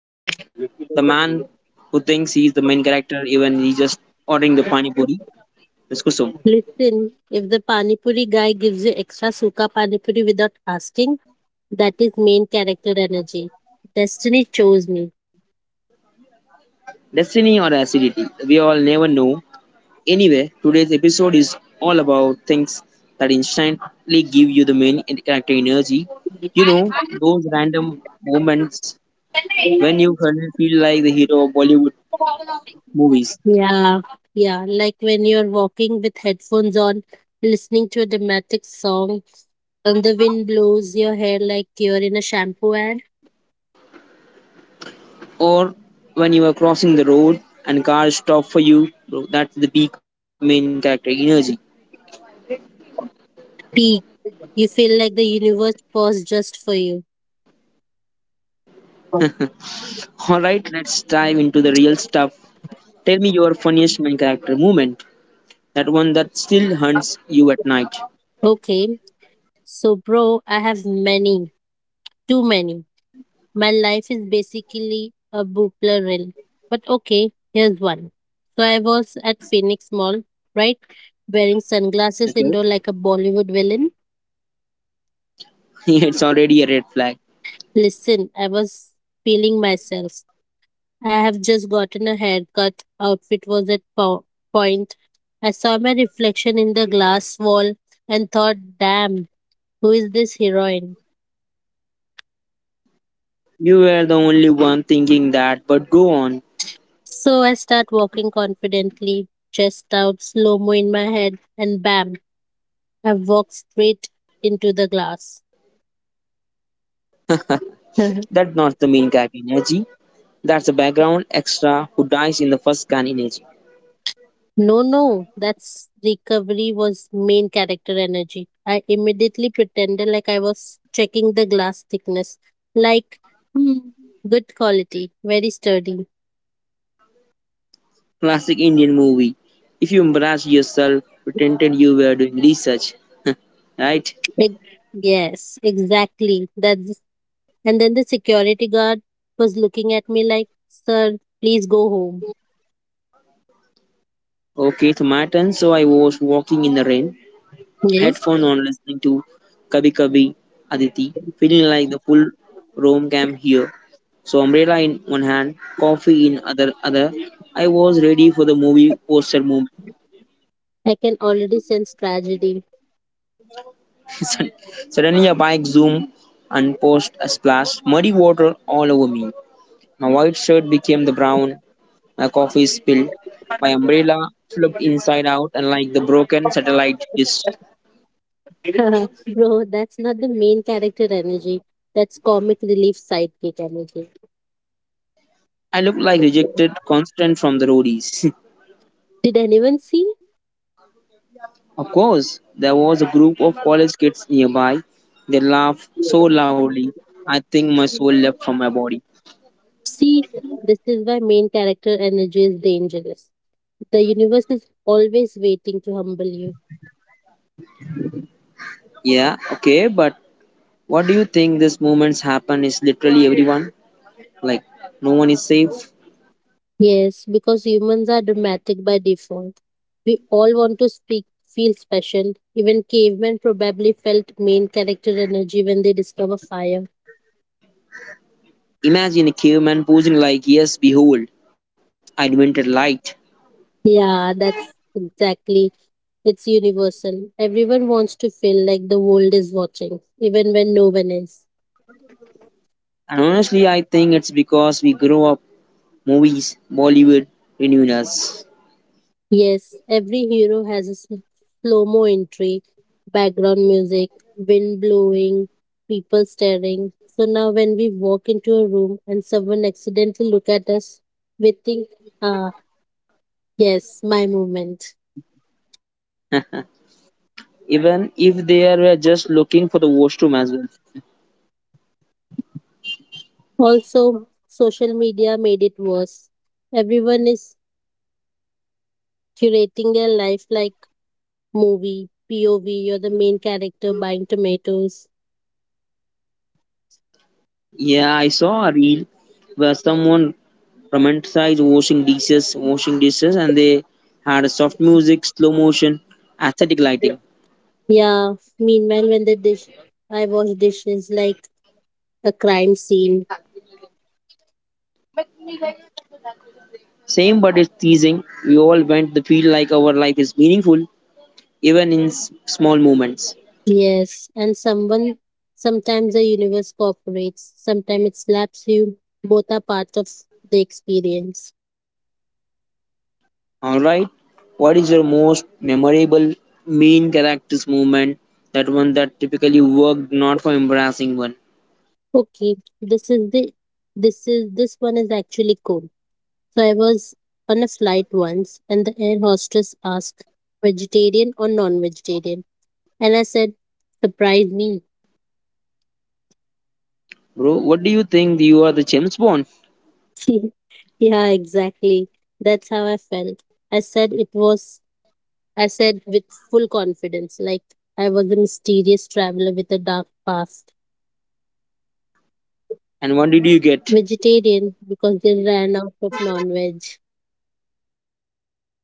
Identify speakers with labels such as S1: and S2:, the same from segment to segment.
S1: and with me, the man who thinks he is the main character, even he just ordering the pani puri, Ms. Kusum.
S2: Listen, if the panipuri guy gives you extra suka panipuri without asking, that is main character energy. Destiny chose me.
S1: Destiny or acidity, we all never know. Anyway, today's episode is all about things that instantly give you the main character energy. You know, those random moments when you suddenly feel like the hero of Bollywood movies.
S2: Yeah, yeah. Like when you're walking with headphones on, listening to a dramatic song, and the wind blows your hair like you're in a shampoo ad.
S1: Or when you are crossing the road and cars stop for you, bro, that's the peak main character energy.
S2: Peak. You feel like the universe paused just for you.
S1: All right, let's dive into the real stuff. Tell me your funniest main character moment, that one that still hunts you at night.
S2: Okay, so bro, I have many, too many. My life is basically a Bupla. But okay, here's one. So I was at Phoenix Mall, right? Wearing sunglasses
S1: Okay.
S2: indoor like a Bollywood villain.
S1: It's already a red flag.
S2: Listen, I was feeling myself. I have just gotten a haircut. Outfit was at point. I saw my reflection in the glass wall and thought, damn, who is this heroine?
S1: You were the only one thinking that, but go on.
S2: So I start walking confidently, chest out, slow mo in my head, and bam, have walked straight into the glass.
S1: That's not the main character energy, that's a background extra who dies in the first scan energy.
S2: No, that's recovery was main character energy. I immediately pretended like I was checking the glass thickness. Like, hmm, good quality, very sturdy.
S1: Classic indian movie, if you embarrass yourself, pretended you were doing research. Right.
S2: Ex- yes, exactly. That's and then the security guard was looking at me like, sir, please go home.
S1: Okay, so my turn. So I was walking in the rain,
S2: Yes,
S1: headphone on, listening to Kabhi Kabhi Aditi, feeling like the full Rome camp here. So umbrella in one hand, coffee in other. I was ready for the movie poster moment.
S2: I can already sense tragedy.
S1: Sud- Suddenly a bike zoomed and post a splash, muddy water all over me. My white shirt became the brown, my coffee spilled, my umbrella flipped inside out and like the broken satellite dish.
S2: Bro, that's not the main character energy. That's comic relief sidekick energy.
S1: I looked like rejected constant from the roadies.
S2: Did anyone see?
S1: Of course, there was a group of college kids nearby. They laughed so loudly, I think my soul left from my body.
S2: See, this is why main character energy is dangerous. The universe is always waiting to humble you.
S1: Yeah, okay, but what do you think this movement's happen is literally everyone? Like, no one is safe?
S2: Yes, because humans are dramatic by default. We all want to speak, feel special. Even cavemen probably felt main character energy when they discover fire.
S1: Imagine a caveman posing like, yes, behold, I invented light.
S2: Yeah, that's exactly it's universal. Everyone wants to feel like the world is watching, even when no one is.
S1: And honestly, I think it's because we grow up, movies, Bollywood renewed us.
S2: Yes, every hero has a slow mo entry, background music, wind blowing, people staring. So now, when we walk into a room and someone accidentally look at us, we think, ah, yes, my moment.
S1: Even if they were just looking for the washroom as well.
S2: Also, social media made it worse. Everyone is curating their life like movie, POV, you're the main character buying tomatoes.
S1: Yeah, I saw a reel where someone romanticized washing dishes, and they had soft music, slow motion, aesthetic lighting.
S2: Yeah, meanwhile, when the dish, I wash dishes like a crime scene.
S1: Same, but it's teasing. We all want to feel like our life is meaningful, even in small moments.
S2: Yes, and someone, sometimes the universe cooperates, sometimes it slaps you. Both are part of the experience.
S1: All right, what is your most memorable main character's moment? That one that typically worked, not for embarrassing one.
S2: Okay, this is the, this is, this one is actually cool. So I was on a flight once and the air hostess asked, vegetarian or non vegetarian? And I said, surprise me.
S1: Bro, what do you think? You are the James Bond.
S2: Yeah, exactly. That's how I felt. I said it was, I said with full confidence, like I was a mysterious traveler with a dark past.
S1: And what did you
S2: Vegetarian
S1: get?
S2: because they ran out of non veg.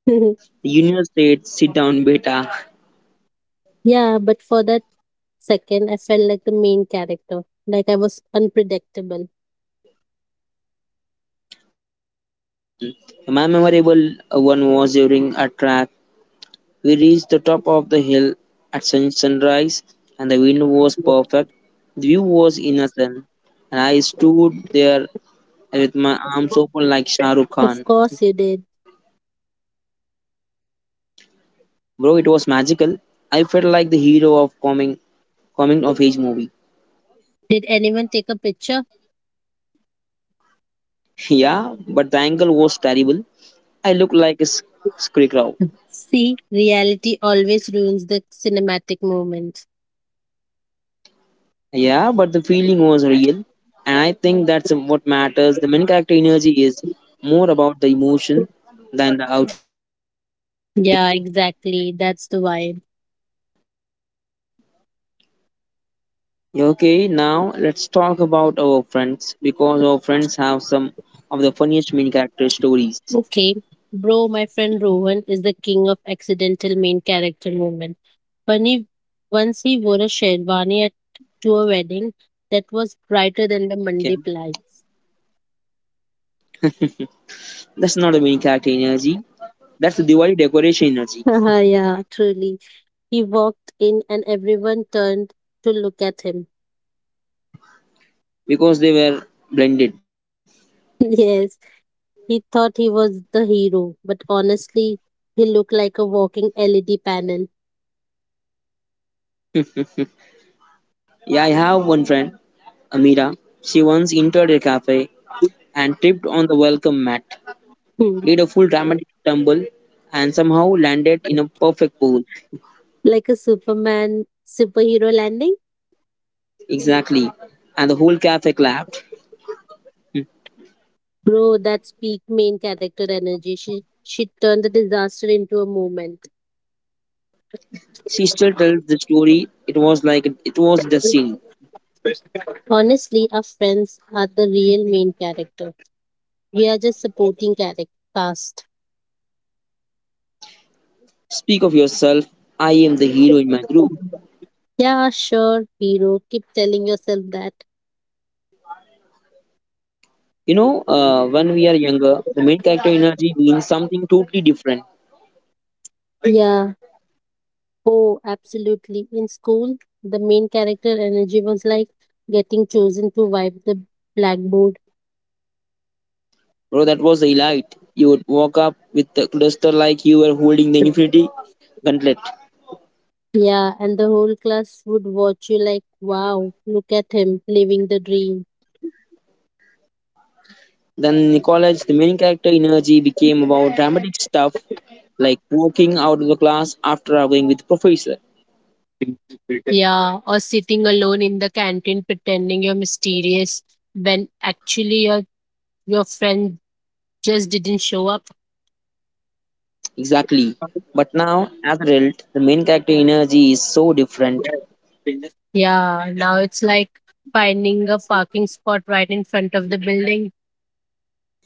S1: The universe said, "Sit down, beta."
S2: Yeah, but for that second, I felt like the main character, like I was unpredictable.
S1: My memorable one was during a track. We reached the top of the hill at sunrise, and the wind was perfect. The view was innocent, and I stood there with my arms open like Shah Rukh Khan.
S2: Of course, you did.
S1: Bro, it was magical. I felt like the hero of coming of age movie.
S2: Did anyone take a picture?
S1: Yeah, but the angle was terrible. I looked like a scarecrow.
S2: See, reality always ruins the cinematic moment.
S1: Yeah, but the feeling was real, and I think that's what matters. The main character energy is more about the emotion than the outing.
S2: Yeah, exactly. That's the vibe.
S1: Okay, now let's talk about our friends, because our friends have some of the funniest main character stories.
S2: Okay, bro, my friend Rohan is the king of accidental main character moment. Funny, once he wore a sherwani at, to a wedding that was brighter than the
S1: Okay,
S2: Mandip lights.
S1: that's not the main character energy, that's the Diwali decoration energy,
S2: Yeah, truly. He walked in and everyone turned to look at him.
S1: because they were blended.
S2: Yes, he thought he was the hero, but honestly, he looked like a walking LED panel.
S1: Yeah, I have one friend, Amira. She once entered a cafe and tripped on the welcome mat.
S2: Hmm.
S1: Did a full dramatic tumble, and somehow landed in a perfect pose.
S2: Like a Superman superhero landing.
S1: Exactly. And the whole cafe clapped. Hmm.
S2: Bro, that's peak main character energy. She turned the disaster into a movement.
S1: She still tells the story. It was like it was destiny.
S2: Honestly, our friends are the real main character. We are just supporting character cast.
S1: Speak of yourself. I am the hero in my group.
S2: Yeah, sure, hero. Keep telling yourself that.
S1: You know, when we are younger, the main character energy means something totally different.
S2: Yeah. Oh, absolutely. In school, the main character energy was like getting chosen to wipe the blackboard.
S1: Bro, that was the elite. You would walk up with the cluster like you were holding the infinity gauntlet.
S2: Yeah, and the whole class would watch you like, wow, look at him living the dream.
S1: Then Nicholas, the main character energy became about dramatic stuff like walking out of the class after arguing with the professor.
S2: Yeah, or sitting alone in the canteen pretending you're mysterious when actually your friend just didn't show up.
S1: Exactly. But now, as an adult, the main character energy is so different.
S2: Yeah, now it's like finding a parking spot right in front of the building.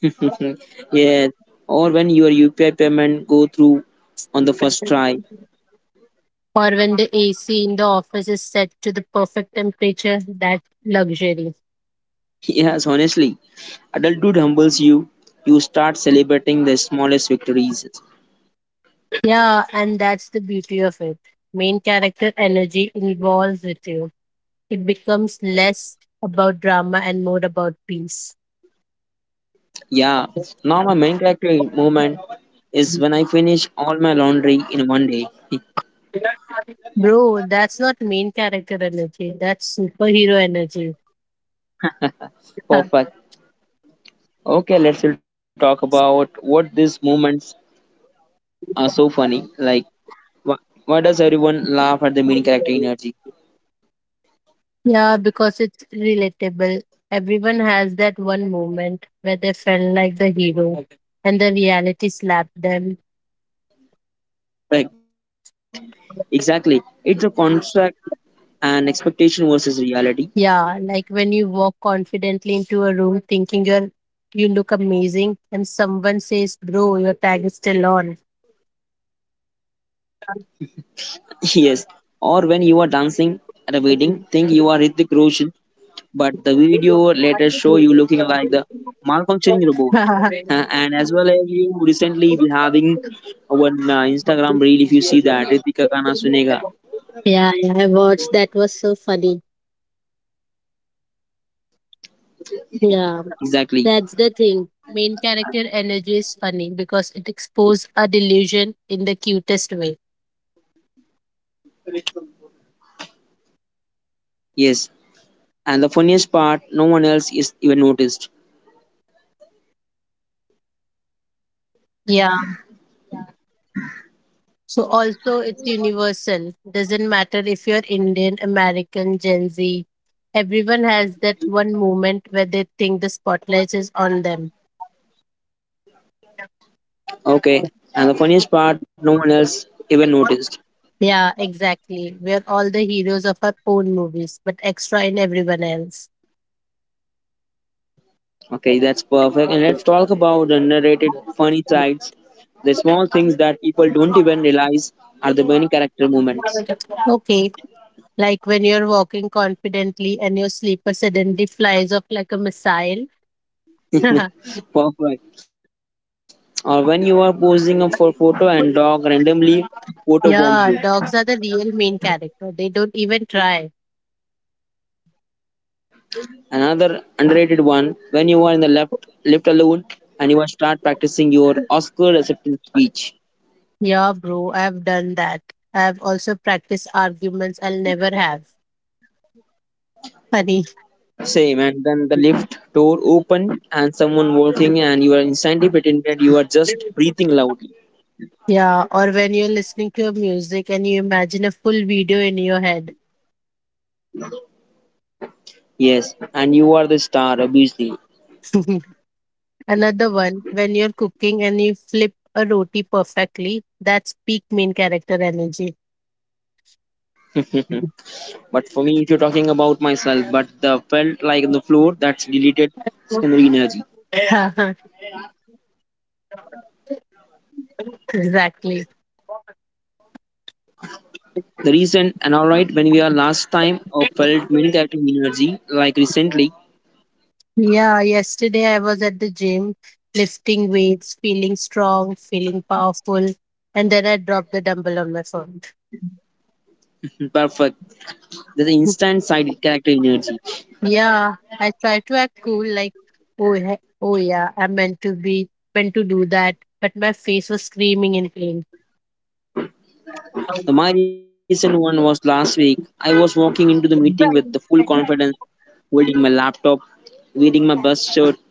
S1: Yes. Or when your UPI payment go through on the first try.
S2: Or when the AC in the office is set to the perfect temperature, that luxury.
S1: Yes, honestly. Adulthood humbles you. You start celebrating the smallest victories.
S2: Yeah, and that's the beauty of it. Main character energy involves with you. It becomes less about drama and more about peace.
S1: Yeah. Now my main character moment is when I finish all my laundry in one day.
S2: Bro, that's not main character energy. That's superhero energy.
S1: Perfect. Okay, let's we'll talk about what these moments are so funny. Like, why, why does everyone laugh at the main character energy?
S2: Yeah, because it's relatable. Everyone has that one moment where they felt like the hero and the reality slapped them.
S1: Correct. Exactly. It's a contract and expectation versus reality.
S2: Yeah, like when you walk confidently into a room thinking you look amazing and someone says, bro, your tag is still on.
S1: Yes. Or when you are dancing at a wedding, think you are Hrithik Roshan, but the video later show you looking like the malfunctioning robot. And as well as you recently be having one Instagram reel if you see that Ritika Kana Sunega.
S2: Yeah, I watched that was so funny. Yeah,
S1: Exactly.
S2: that's the thing. Main character energy is funny because it exposes a delusion in the cutest way.
S1: Yes, and the funniest part, no one else is even noticed.
S2: Yeah. So also it's universal. Doesn't matter if you're Indian, American, Gen Z. Everyone has that one moment where they think the spotlight is on them.
S1: Okay, and the funniest part, no one else even noticed.
S2: Yeah, exactly. We're all the heroes of our own movies, but extra in everyone else.
S1: Okay, that's perfect. And let's talk about the underrated funny sides, the small things that people don't even realize are the funny character
S2: Okay.
S1: moments.
S2: Like when you're walking confidently and your sleeper suddenly flies off like a missile.
S1: Perfect. Or when you are posing up for photo and dog randomly photo bomb
S2: Yeah,
S1: you.
S2: dogs are the real main character. They don't even try.
S1: Another underrated one, when you are in the left alone and you are start practicing your Oscar acceptance speech.
S2: Yeah, bro, I've done that. I've also practiced arguments I'll never have. Funny.
S1: Same, and then the lift door opened and someone walking, and you are instantly pretended you are just breathing loudly.
S2: Yeah, or when you're listening to your music and you imagine a full video in your head.
S1: Yes, and you are the star, obviously.
S2: Another one, when you're cooking and you flip a roti perfectly, that's peak main character energy.
S1: But for me, if you're talking about myself, but the felt like on the floor that's deleted secondary energy.
S2: Exactly.
S1: The recent and alright when we are last time or felt main character energy like recently.
S2: Yeah, yesterday I was at the gym lifting weights, feeling strong, feeling powerful, and then I dropped the dumbbell on my phone.
S1: Perfect. The instant side character energy.
S2: Yeah, I try to act cool, like, oh yeah, I meant to be meant to do that, but my face was screaming in pain.
S1: The my recent one was last week. I was walking into the meeting with the full confidence, holding my laptop, wearing my best shirt.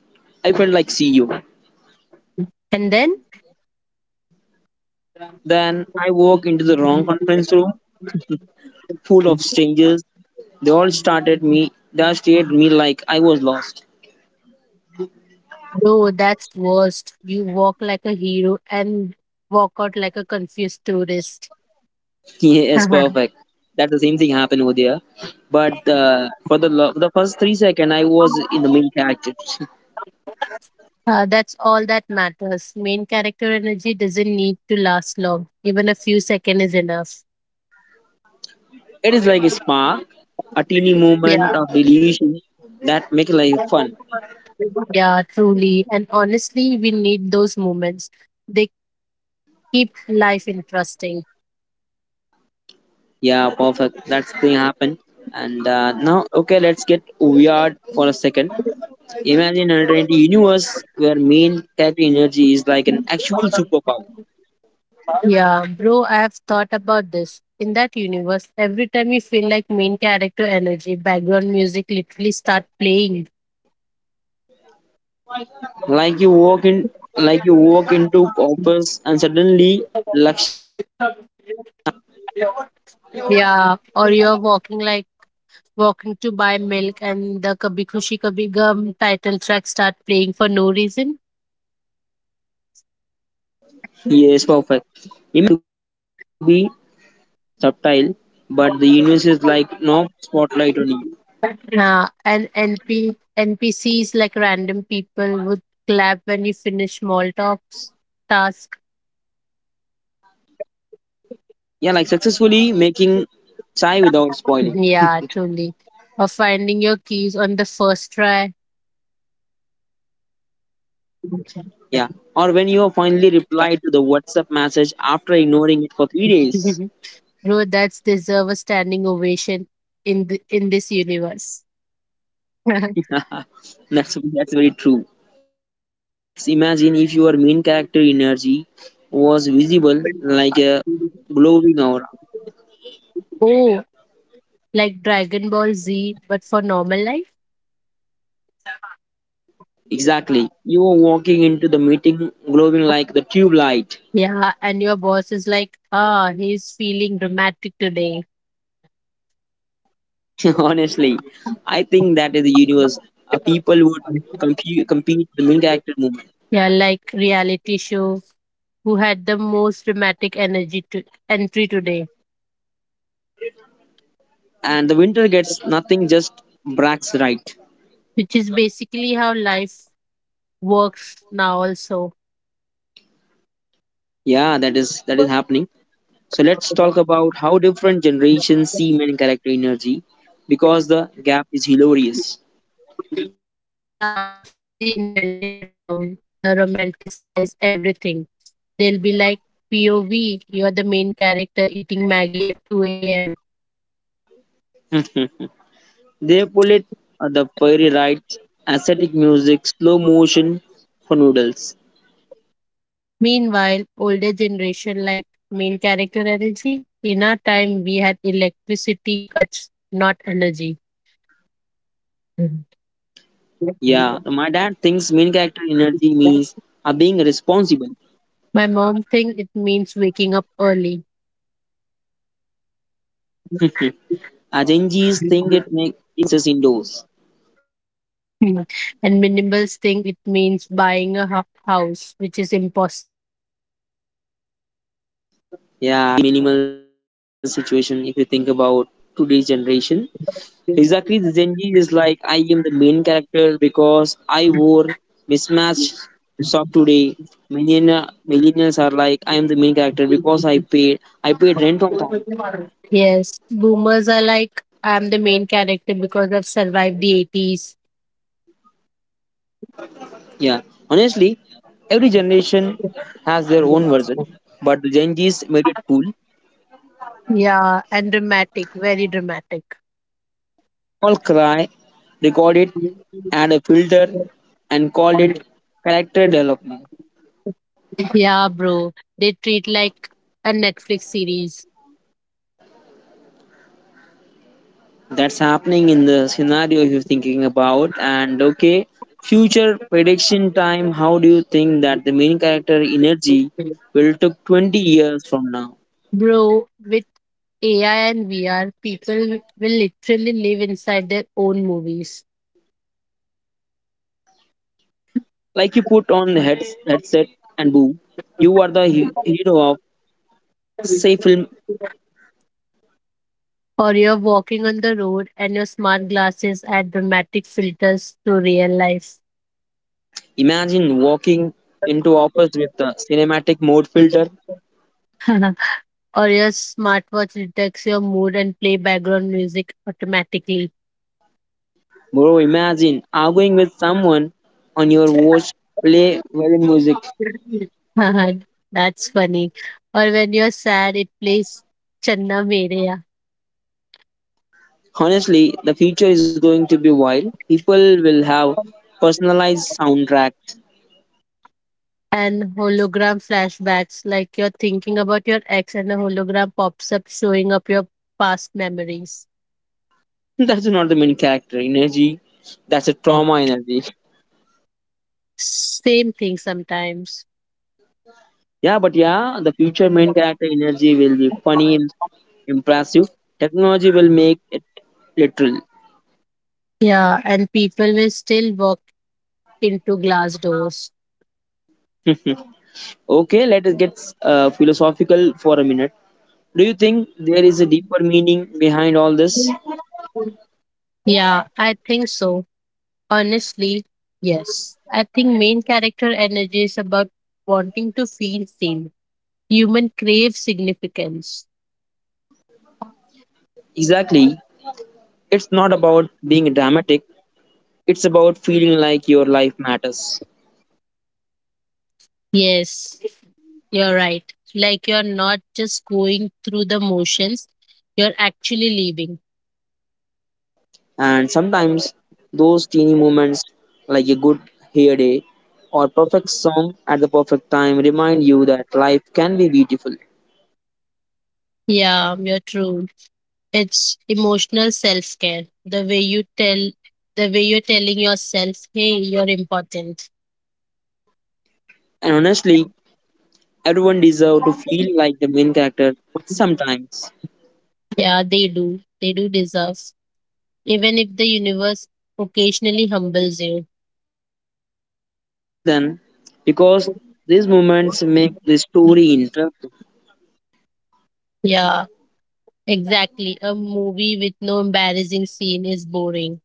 S1: I felt like CEO.
S2: And then,
S1: Then I walked into the wrong conference room, full of strangers. They all started me. They all stared at me like I was lost.
S2: no, that's worst. You walk like a hero and walk out like a confused tourist.
S1: Yes, perfect. That's the same thing happened over there. But for the the first 3 seconds, I was in the main character.
S2: That's all that matters. Main character energy doesn't need to last long. Even a few seconds is enough.
S1: It is like a spark, a teeny moment of delusion
S2: Yeah.
S1: that make life fun.
S2: Yeah, truly. And honestly, we need those moments. They keep life interesting.
S1: Yeah, perfect. That's thing happened. And now, okay, let's get weird for a second. Imagine an alternate universe where main type energy is like an actual superpower.
S2: Yeah, bro, I have thought about this. In that universe, every time you feel like main character energy, background music literally start playing.
S1: Like you walk in, like you walk into office and suddenly Lakshana.
S2: Yeah, or you're walking to buy milk and the Kabhi Khushi Kabhi Gum title track start playing for no reason.
S1: Yes, perfect. It to be subtle, but the universe is like no spotlight on you.
S2: Yeah, and NP NPCs like random people would clap when you finish small talks task.
S1: Yeah, like successfully making chai without spoiling.
S2: Yeah, truly. Or finding your keys on the first try.
S1: Yeah. Or when you finally reply to the WhatsApp message after ignoring it for 3 days.
S2: Bro, that's deserve a standing ovation in this universe.
S1: That's very true. So imagine if your main character energy was visible like a glowing aura.
S2: Oh, like Dragon Ball Z, but for normal life?
S1: Exactly. You were walking into the meeting glowing like the tube light.
S2: Yeah, and your boss is like, ah, he's feeling dramatic today.
S1: Honestly, I think that is the universe. People would compete the main character movement,
S2: Yeah, like reality show who had the most dramatic energy to entry today,
S1: and the winter gets nothing, just Brax right.
S2: which is basically how life works now also.
S1: Yeah, that is happening. So let's talk about how different generations see men character energy because the gap is hilarious.
S2: Yeah, Gen Z invented the term, the romanticize everything. They'll be like, POV, you're the main character eating Maggie at 2 a.m.
S1: They pull it the fairy lights, aesthetic music, slow motion for noodles.
S2: Meanwhile, older generation like main character energy. In our time, we had electricity cuts, not energy. Mhm.
S1: Yeah, my dad thinks main character energy means are being responsible.
S2: My mom thinks it means waking up early.
S1: Our Gen Zs think it makes us indoors.
S2: Hmm. And minimals think it means buying a house, which is impossible.
S1: Yeah, minimal situation if you think about today's generation. Exactly, the Gen Z is like, I am the main character because I wore mismatched sock today. Millennia, millennials are like, I am the main character because I paid rent on time.
S2: Yes, boomers are like, I'm the main character because I've survived the 80s.
S1: Yeah, honestly, every generation has their own version, but the Gen Zs made it cool.
S2: Yeah, and dramatic, very dramatic.
S1: All cry, record it, add a filter, and call it character development.
S2: Yeah, bro. They treat like a Netflix series.
S1: That's happening in the scenario if you're thinking about. And okay, future prediction time, how do you think that the main character energy will took 20 years from now?
S2: Bro, with AI and VR, people will literally live inside their own movies.
S1: Like you put on the headset and boom, you are the hero of say film.
S2: Or you're walking on the road and your smart glasses add dramatic filters to real life.
S1: Imagine walking into office with the cinematic mode filter.
S2: Or your smartwatch detects your mood and play background music automatically.
S1: Bro, imagine arguing with someone on your watch, play violin music.
S2: That's funny. Or when you're sad, it plays Channa Mereya
S1: Honestly, the future is going to be wild. People will have personalized soundtracks.
S2: and hologram flashbacks, like you're thinking about your ex and a hologram pops up showing up your past memories.
S1: That's not the main character energy. That's a trauma energy.
S2: Same thing sometimes.
S1: Yeah, but yeah, the future main character energy will be funny and impressive. Technology will make it literal.
S2: Yeah, and people will still walk into glass doors.
S1: Okay, let us get philosophical for a minute. Do you think there is a deeper meaning behind all this?
S2: Yeah, I think so. Honestly, yes. I think main character energy is about wanting to feel seen. Human crave significance.
S1: Exactly. It's not about being dramatic, it's about feeling like your life matters.
S2: Yes, you're right. Like you're not just going through the motions, you're actually living.
S1: And sometimes those teeny moments, like a good hair day or perfect song at the perfect time, remind you that life can be beautiful.
S2: Yeah, you're true. It's emotional self care. The way you're telling yourself, hey, you're important.
S1: And honestly, everyone deserves to feel like the main character sometimes.
S2: Yeah, they do. They do deserve. Even if the universe occasionally humbles you.
S1: Then, because these moments make the story interesting.
S2: Yeah. Exactly. A movie with no embarrassing scene is boring.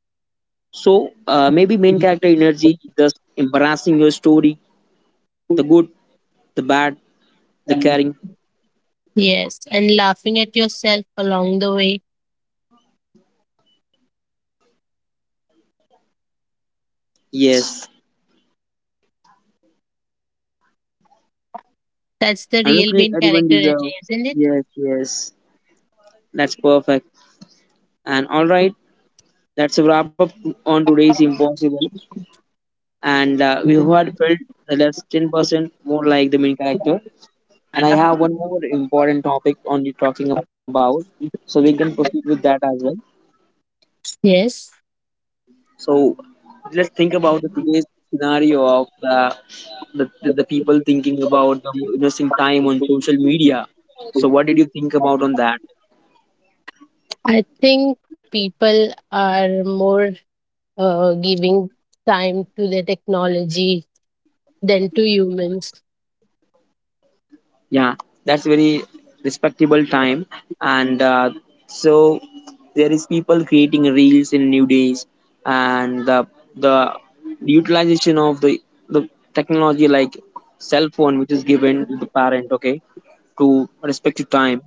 S1: So maybe main character energy is just embarrassing your story, the good, the bad, the caring.
S2: Yes. And laughing at yourself along the way.
S1: Yes,
S2: That's the real
S1: honestly,
S2: main
S1: everyone
S2: character energy,
S1: deserves.
S2: isn't it?
S1: Yes, yes, that's perfect. And all right, that's a wrap up on today's Impossible. And We who had felt the last 10% more like the main character. And I have one more important topic on you talking about, so we can proceed with that as well.
S2: Yes.
S1: So let's think about the today's scenario of the people thinking about the investing time on social media. So what did you think about on that?
S2: I think people are more giving time to the technology than to humans.
S1: Yeah, that's very respectable time. And so there is people creating reels in new days, and the utilization of the technology like cell phone, which is given to the parent, okay, to respect to time.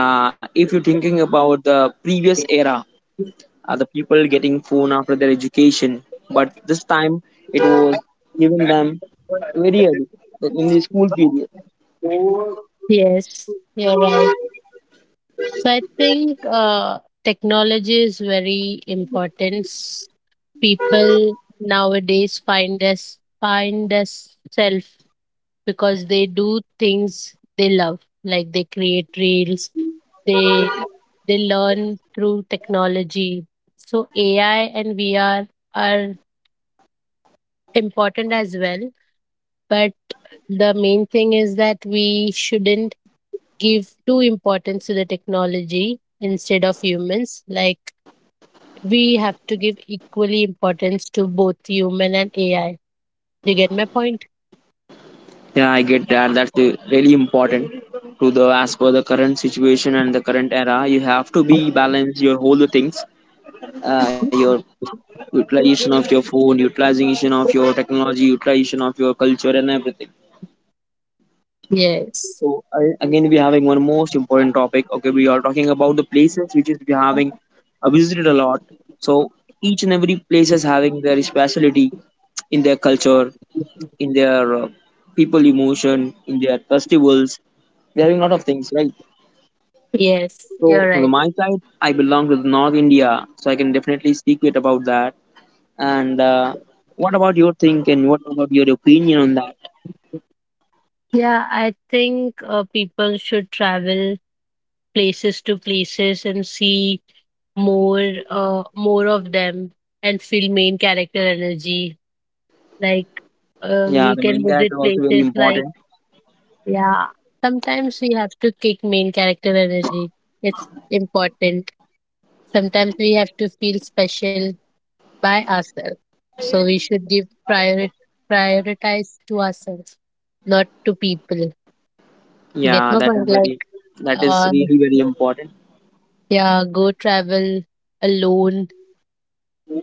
S1: If you're thinking about the previous era, the people getting phone after their education, but this time it was given them very early like in the school period.
S2: Yes. You're right. So I think technology is very important. People nowadays find us self because they do things they love, like they create reels, they they learn through technology. So AI and VR are important as well, but the main thing is that we shouldn't give too importance to the technology instead of humans. Like we have to give equally importance to both human and AI. Do you get my point?
S1: Yeah, I get that. That's really important to the as per the current situation and the current era. You have to be balance your whole the things, your utilization of your phone, utilization of your technology, utilization of your culture and everything.
S2: Yes.
S1: So I, again, we're having one most important topic. Okay, we are talking about the places which is we having visited a lot. So each and every place is having their specialty in their culture, in their people emotion, in their festivals. There are a lot of things, right?
S2: Yes, you're
S1: So from
S2: right.
S1: my side, I belong to the North India, so I can definitely speak it about that. And What about your think and what about your opinion on that?
S2: Yeah, I think people should travel places to places and see more of them and feel main character energy. Like
S1: Yeah,
S2: you
S1: the
S2: can
S1: main character
S2: visit
S1: also very
S2: places like
S1: important.
S2: yeah, sometimes we have to kick main character energy. It's important. Sometimes we have to feel special by ourselves. So we should give prioritize to ourselves, not to people. You get
S1: Yeah,
S2: my
S1: that
S2: point?
S1: is
S2: Like,
S1: very, that is
S2: uh,
S1: really very important.
S2: yeah, go travel alone,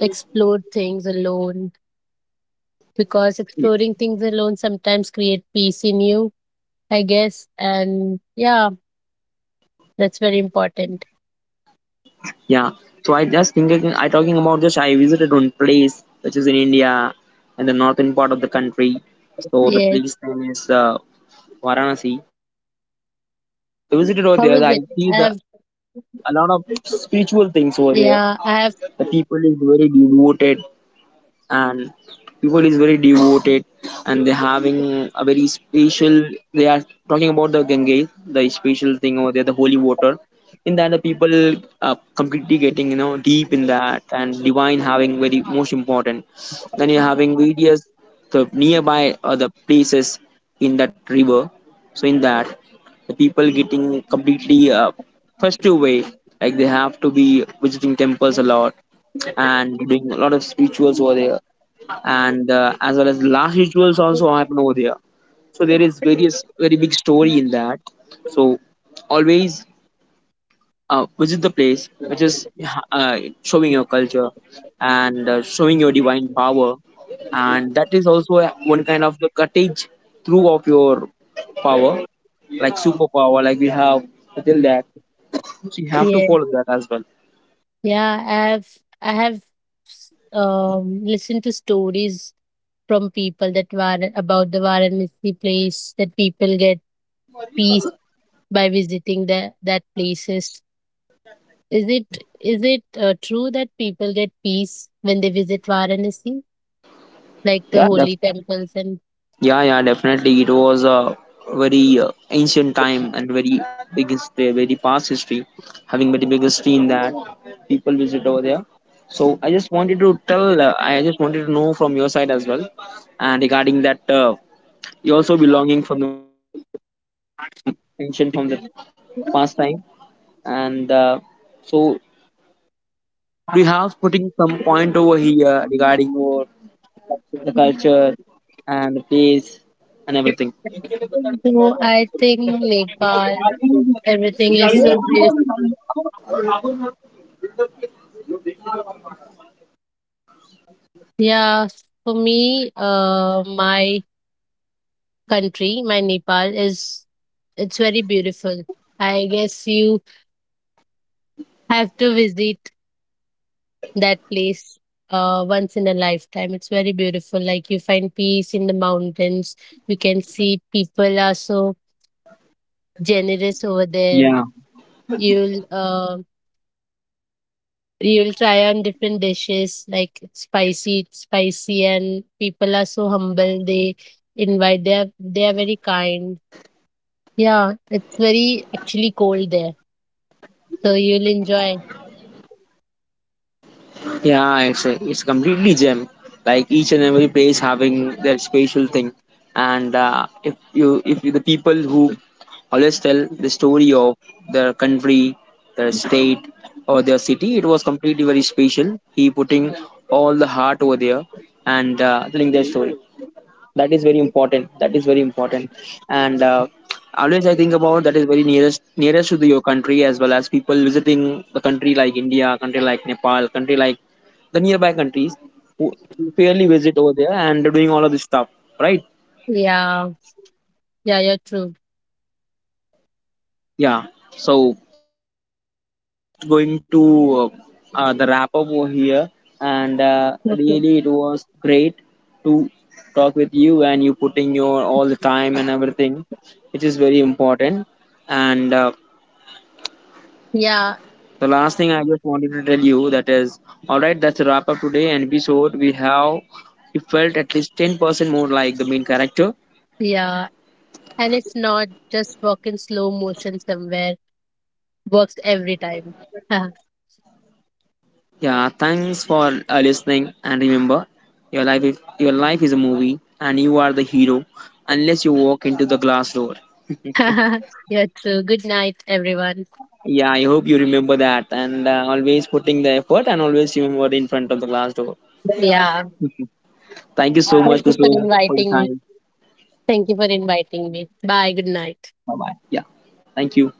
S2: explore things alone, because exploring things alone sometimes create peace in you, I guess. And yeah, that's very important.
S1: Yeah. So I just thinking, I talking about just I visited one place which is in India, in the northern part of the country. So the
S2: Yes.
S1: place name is Varanasi. I visited over there. I see the a lot of
S2: How is it? I
S1: spiritual
S2: have,
S1: things over there. The people is very devoted
S2: yeah, I have,
S1: and people is very devoted, and they're having a very special, they are talking about the gange, the special thing over there, the holy water. In that, the people are completely getting you know deep in that and divine having very most important. Then you're having various the nearby other places in that river. So in that, the people getting completely festive way, like they have to be visiting temples a lot and doing a lot of rituals over there, and as well as last rituals also happen over there. So there is various very big story in that. So always visit the place which is showing your culture and showing your divine power, and that is also one kind of the cuttage through of your power like superpower like we have till that. So you have to
S2: yeah,
S1: follow that as well.
S2: yeah, I have, listened to stories from people that were about the Varanasi place that people get peace by visiting the that places. Is it is it true that people get peace when they visit Varanasi, like the
S1: yeah that's
S2: holy temples and?
S1: Yeah, yeah, definitely. It was a very ancient time and very big history, very past history, having very big history in that people visit over there. So I just wanted to tell, I just wanted to know from your side as well, and regarding that, you also belonging from the ancient from the past time, and so do you have putting some point over here regarding your the culture and the place and everything.
S2: So I think Nepal, everything is so Yeah, for me, my country, my Nepal is it's very beautiful. I guess you have to visit that place once in a lifetime. It's very beautiful. Like you find peace in the mountains. You can see people are so generous over there. You'll uh
S1: Yeah.
S2: you'll try on different dishes like spicy, it's spicy, and people are so humble. They invite. They are very kind. Yeah, it's very actually cold there. So you'll enjoy.
S1: Yeah, it's a completely gem. Like each and every place having their special thing, and if you, the people who always tell the story of their country, their state, or their city, it was completely very special. He putting all the heart over there, and telling their story. That is very important, that is very important, and always I think about that is very nearest to the, your country, as well as people visiting the country like india country like nepal country like the nearby countries who fairly visit over there and they're doing all of this stuff,
S2: Yeah,
S1: right?
S2: yeah, you're true.
S1: Yeah. So going to uh, the wrap up over here, and really
S2: Okay.
S1: it was great to talk with you and you putting your all the time and everything which is very important, and the last
S2: Yeah,
S1: thing I just wanted to tell you that is all right. That's a wrap up today. And episode we have we felt at least 10% more like the main character.
S2: yeah. And it's not just walk in slow motion somewhere. Works every time.
S1: Yeah, thanks for listening. And remember, your life is a movie, and you are the hero unless you walk into the glass door.
S2: You're true. Good night, everyone.
S1: Yeah, I hope you remember that, and always putting the effort, and always remember in front of the glass door.
S2: Yeah.
S1: Thank you so much,
S2: Thank you for
S1: Kusum, for your
S2: inviting me.
S1: time.
S2: Thank you for inviting me. Bye. Good night.
S1: Bye bye. Yeah, thank you.